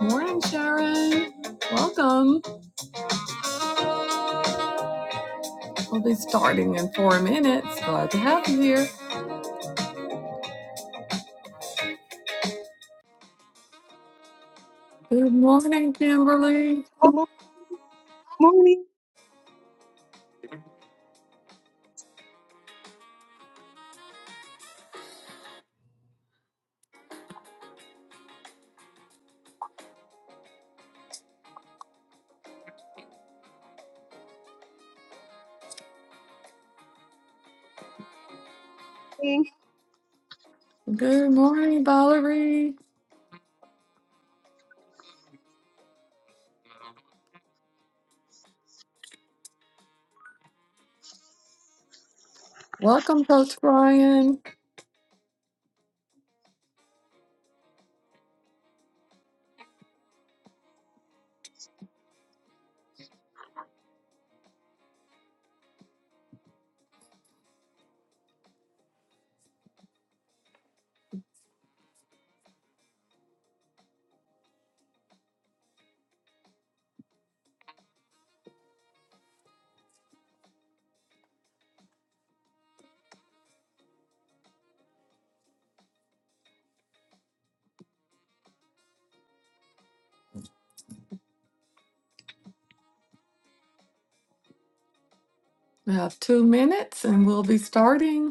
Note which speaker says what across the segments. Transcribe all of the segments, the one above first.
Speaker 1: Morning, Sharon. Welcome. We'll be starting in four minutes. Glad to have you here. Good morning, Kimberly.
Speaker 2: Good mo- morning.
Speaker 3: morning.
Speaker 1: Good morning, Valerie. Welcome, Coach Brian. We have two minutes and we'll be starting.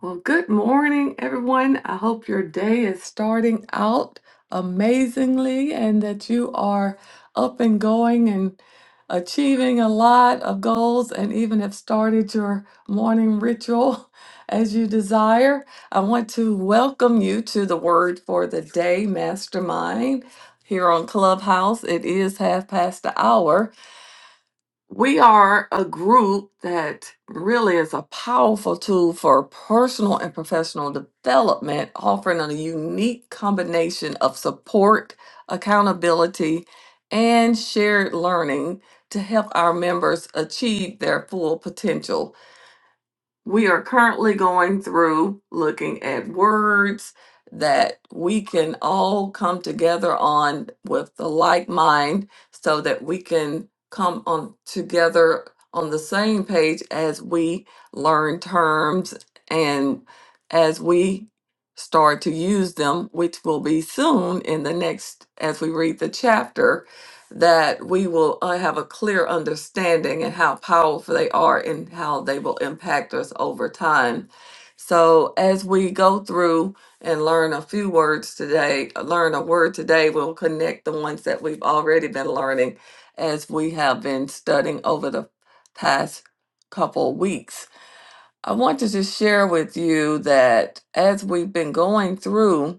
Speaker 1: Well, good morning, everyone. I hope your day is starting out amazingly and that you are up and going and achieving a lot of goals and even have started your morning ritual as you desire. I want to welcome you to the Word for the Day Mastermind here on Clubhouse. It is half past the hour. We are a group that really is a powerful tool for personal and professional development, offering a unique combination of support, accountability, and shared learning to help our members achieve their full potential. We are currently going through looking at words that we can all come together on with the like mind so that we can come on together on the same page as we learn terms and as we start to use them, which will be soon in the next, as we read the chapter that we will uh, have a clear understanding and how powerful they are and how they will impact us over time. So, as we go through and learn a few words today, learn a word today, we'll connect the ones that we've already been learning as we have been studying over the past couple weeks. I want to just share with you that as we've been going through,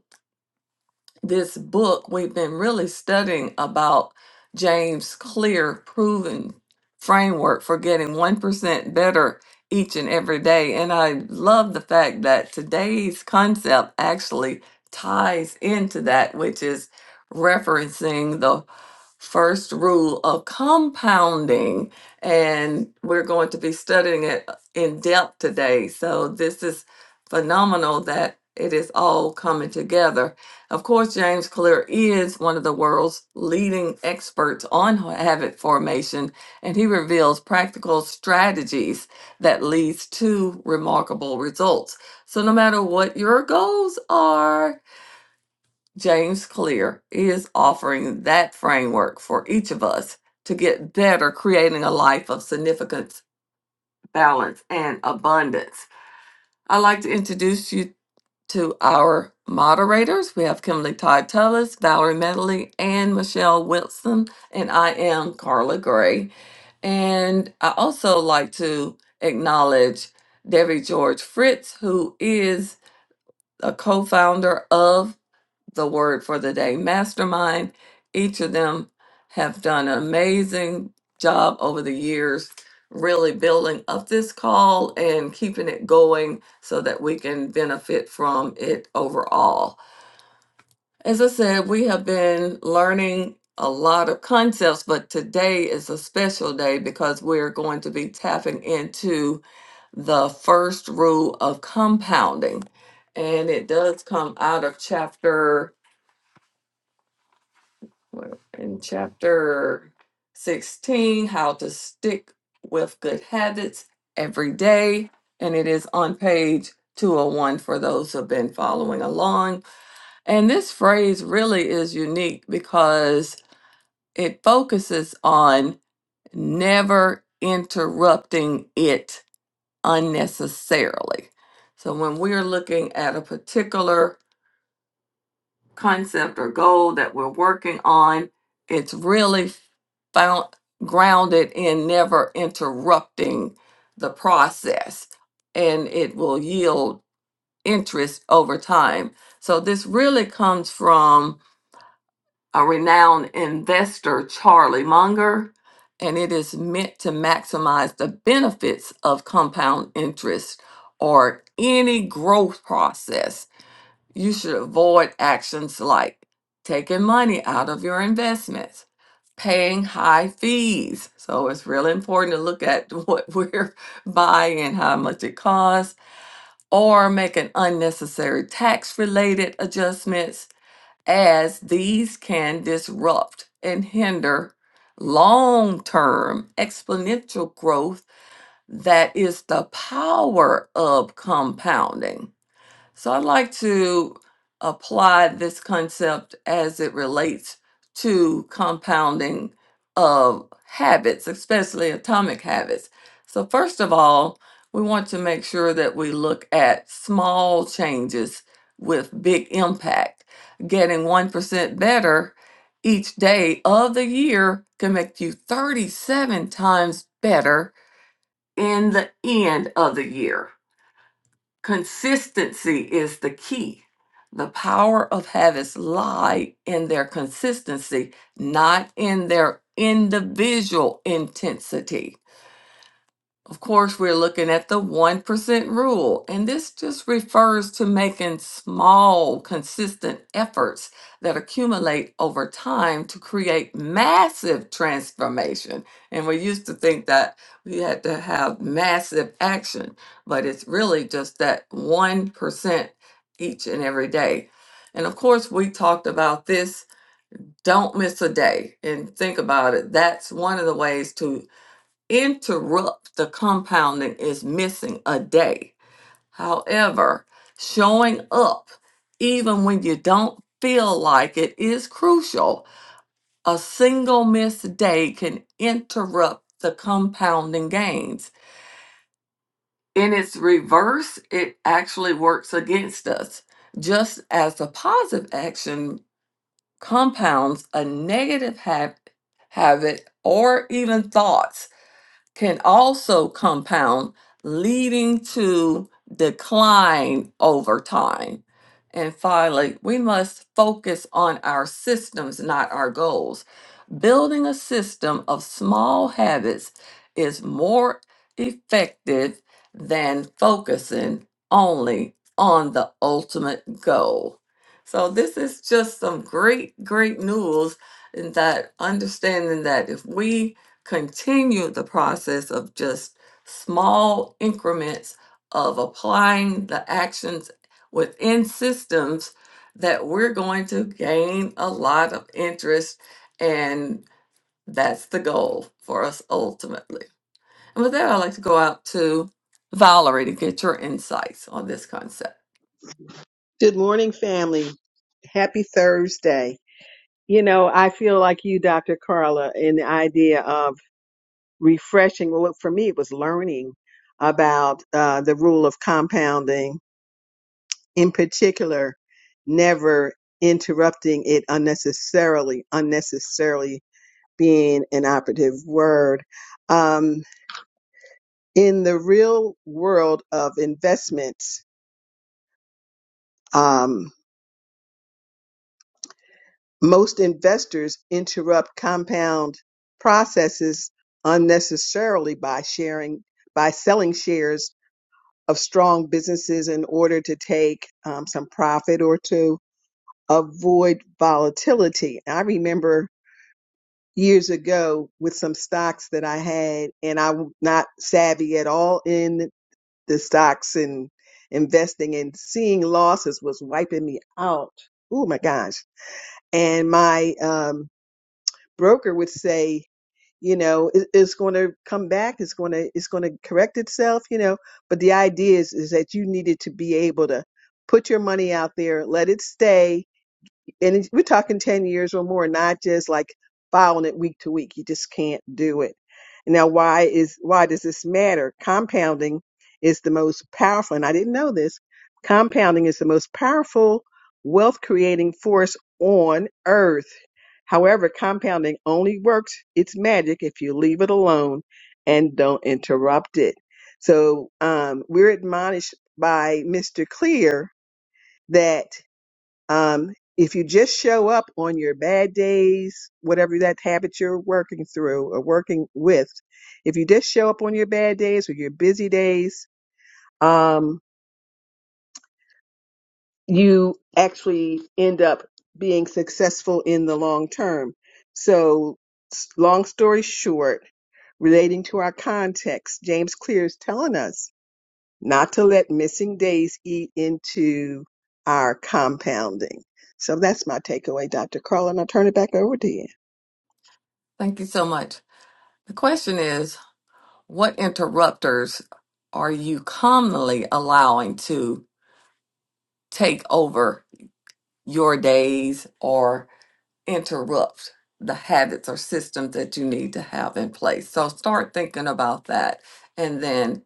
Speaker 1: this book, we've been really studying about James Clear proven framework for getting 1% better each and every day. And I love the fact that today's concept actually ties into that, which is referencing the first rule of compounding. And we're going to be studying it in depth today. So this is phenomenal that it is all coming together of course, James Clear is one of the world's leading experts on habit formation, and he reveals practical strategies that leads to remarkable results. So no matter what your goals are, James Clear is offering that framework for each of us to get better creating a life of significance, balance, and abundance. I'd like to introduce you to our moderators. We have Kimberly Todd Tullis, Valerie Medley, and Michelle Wilson, and I am Carla Gray. And I also like to acknowledge Debbie George Fritz, who is a co founder of the word for the day mastermind. Each of them have done an amazing job over the years, really building up this call and keeping it going so that we can benefit from it overall. As I said, we have been learning a lot of concepts, but today is a special day because we're going to be tapping into the first rule of compounding. And it does come out of chapter We're in chapter 16 how to stick with good habits every day and it is on page 201 for those who have been following along and this phrase really is unique because it focuses on never interrupting it unnecessarily so when we're looking at a particular concept or goal that we're working on, it's really found grounded in never interrupting the process and it will yield interest over time. So this really comes from a renowned investor, Charlie Munger, and it is meant to maximize the benefits of compound interest or any growth process you should avoid actions like taking money out of your investments, paying high fees. So it's really important to look at what we're buying, how much it costs, or making unnecessary tax related adjustments, as these can disrupt and hinder long term exponential growth that is the power of compounding. So I'd like to apply this concept as it relates to compounding of habits, especially atomic habits. So, first of all, we want to make sure that we look at small changes with big impact. Getting 1% better each day of the year can make you 37 times better in the end of the year. Consistency is the key. The power of habits lie in their consistency, not in their individual intensity. Of course, we're looking at the 1% rule, and this just refers to making small, consistent efforts that accumulate over time to create massive transformation. And we used to think that we had to have massive action, but it's really just that 1% each and every day. And of course, we talked about this. Don't miss a day and think about it. That's one of the ways to interrupt the compounding is missing a day. However, showing up even when you don't feel like it is crucial. A single missed day can interrupt the compounding gains. In its reverse, it actually works against us. Just as a positive action compounds a negative hab- habit or even thoughts can also compound, leading to decline over time. And finally, we must focus on our systems, not our goals. Building a system of small habits is more effective than focusing only on the ultimate goal. So, this is just some great, great news in that understanding that if we continue the process of just small increments of applying the actions within systems that we're going to gain a lot of interest and that's the goal for us ultimately. And with that, I'd like to go out to Valerie to get your insights on this concept.
Speaker 3: Good morning, family. Happy Thursday. You know, I feel like you, Dr. Carla, in the idea of refreshing. Well, for me, it was learning about uh, the rule of compounding, in particular, never interrupting it unnecessarily, unnecessarily being an operative word. Um, in the real world of investments, um, Most investors interrupt compound processes unnecessarily by sharing by selling shares of strong businesses in order to take um, some profit or to avoid volatility. I remember years ago with some stocks that I had, and I'm not savvy at all in the stocks and investing, and seeing losses was wiping me out. Oh my gosh! And my um, broker would say, you know, it, it's going to come back, it's going to it's going to correct itself, you know. But the idea is is that you needed to be able to put your money out there, let it stay, and it's- we're talking 10 years or more, not just like filing it week to week. You just can't do it. Now, why is, why does this matter? Compounding is the most powerful, and I didn't know this. Compounding is the most powerful wealth creating force on earth. However, compounding only works its magic if you leave it alone and don't interrupt it. So, um, we're admonished by Mr. Clear that. Um, if you just show up on your bad days, whatever that habit you're working through or working with, if you just show up on your bad days or your busy days, um, you actually end up being successful in the long term. So, s- long story short, relating to our context, James Clear is telling us not to let missing days eat into our compounding. So that's my takeaway, Dr. Carl, and I'll turn it back over to you.
Speaker 1: Thank you so much. The question is what interrupters are you commonly allowing to take over your days or interrupt the habits or systems that you need to have in place. So start thinking about that. And then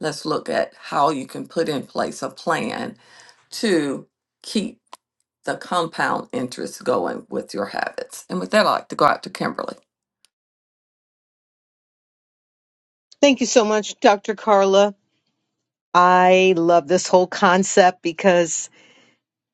Speaker 1: let's look at how you can put in place a plan to keep the compound interest going with your habits. And with that, I'd like to go out to Kimberly.
Speaker 2: Thank you so much, Dr. Carla. I love this whole concept because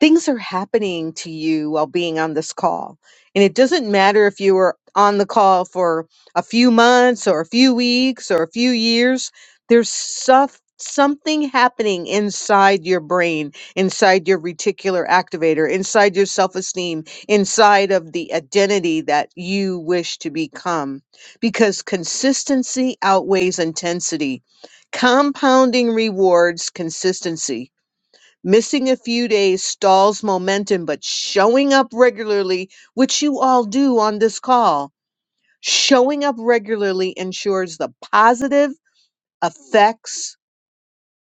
Speaker 2: things are happening to you while being on this call. And it doesn't matter if you were on the call for a few months or a few weeks or a few years, there's stuff, something happening inside your brain, inside your reticular activator, inside your self esteem, inside of the identity that you wish to become. Because consistency outweighs intensity. Compounding rewards consistency Missing a few days stalls momentum, but showing up regularly, which you all do on this call, showing up regularly ensures the positive effects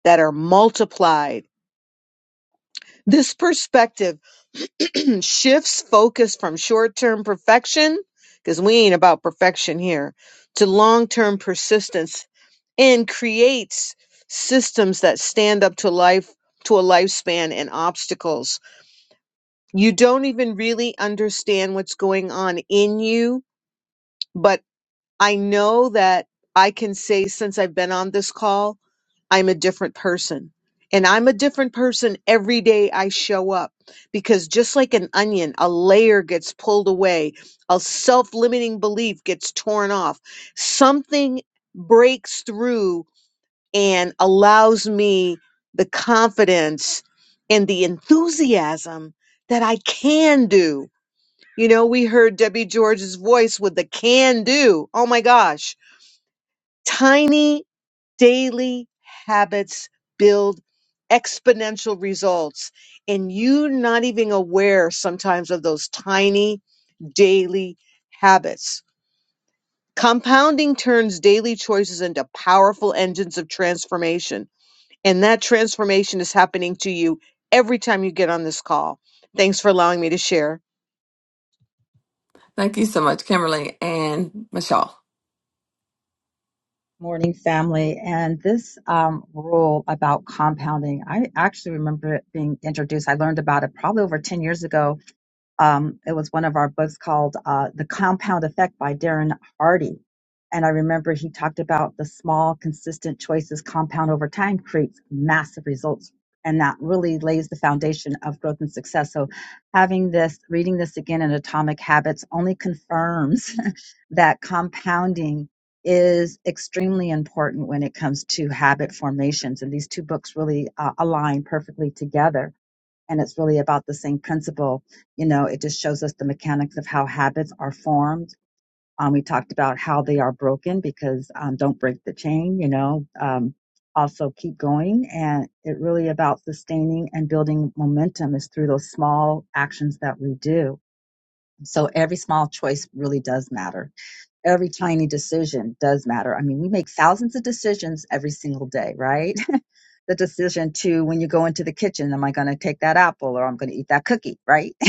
Speaker 2: that are multiplied. This perspective shifts focus from short term perfection, because we ain't about perfection here, to long term persistence and creates systems that stand up to life, to a lifespan and obstacles. you don't even really understand what's going on in you. But I know that I can say since I've been on this call, I'm a different person. And I'm a different person every day I show up because just like an onion, a layer gets pulled away, a self limiting belief gets torn off. Something breaks through and allows me the confidence and the enthusiasm that I can do. You know, we heard Debbie George's voice with the can do. Oh my gosh. Tiny daily habits build exponential results. And you're not even aware sometimes of those tiny daily habits. Compounding turns daily choices into powerful engines of transformation. And that transformation is happening to you every time you get on this call. Thanks for allowing me to share.
Speaker 1: Thank you so much, Kimberly and Michelle.
Speaker 4: Morning, family. And this um, rule about compounding, I actually remember it being introduced. I learned about it probably over 10 years ago um, it was one of our books called uh, The Compound Effect by Darren Hardy. And I remember he talked about the small, consistent choices compound over time creates massive results. And that really lays the foundation of growth and success. So, having this, reading this again in Atomic Habits only confirms that compounding is extremely important when it comes to habit formations. And these two books really uh, align perfectly together and it's really about the same principle. You know, it just shows us the mechanics of how habits are formed. Um, we talked about how they are broken because um, don't break the chain, you know, um, also keep going. And it really about sustaining and building momentum is through those small actions that we do. So every small choice really does matter. Every tiny decision does matter. I mean, we make thousands of decisions every single day, right? the decision to when you go into the kitchen, am I going to take that apple or I'm going to eat that cookie, right?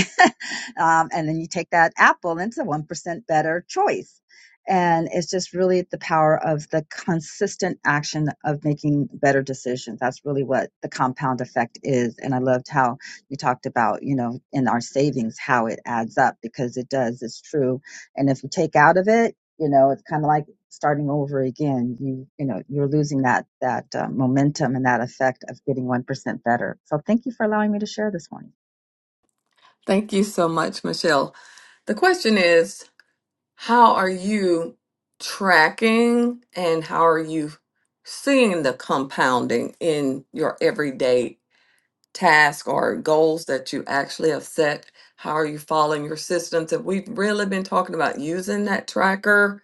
Speaker 4: um, and then you take that apple and it's a 1% better choice. And it's just really the power of the consistent action of making better decisions. That's really what the compound effect is. And I loved how you talked about, you know, in our savings, how it adds up because it does, it's true. And if you take out of it, you know, it's kind of like, starting over again you you know you're losing that that uh, momentum and that effect of getting 1% better so thank you for allowing me to share this morning
Speaker 1: Thank you so much, Michelle. The question is How are you tracking and how are you seeing the compounding in your everyday task or goals that you actually have set? How are you following your systems? And we've really been talking about using that tracker.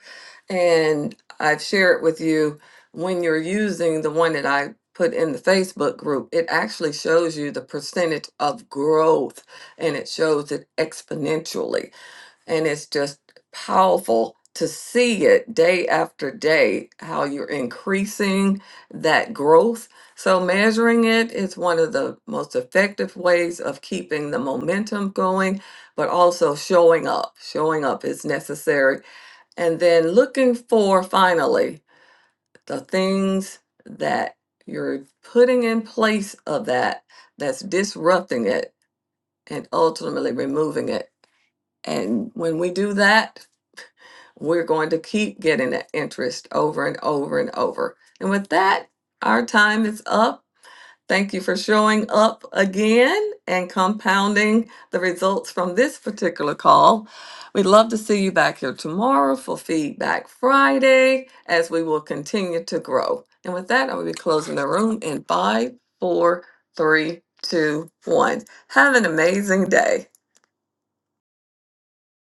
Speaker 1: And I've shared with you when you're using the one that I put in the Facebook group, it actually shows you the percentage of growth and it shows it exponentially. And it's just powerful to see it day after day, how you're increasing that growth. So, measuring it is one of the most effective ways of keeping the momentum going, but also showing up. Showing up is necessary. And then looking for finally the things that you're putting in place of that that's disrupting it and ultimately removing it. And when we do that, we're going to keep getting that interest over and over and over. And with that, our time is up. Thank you for showing up again and compounding the results from this particular call. We'd love to see you back here tomorrow for Feedback Friday as we will continue to grow. And with that, I will be closing the room in five, four, three, two, one. Have an amazing day.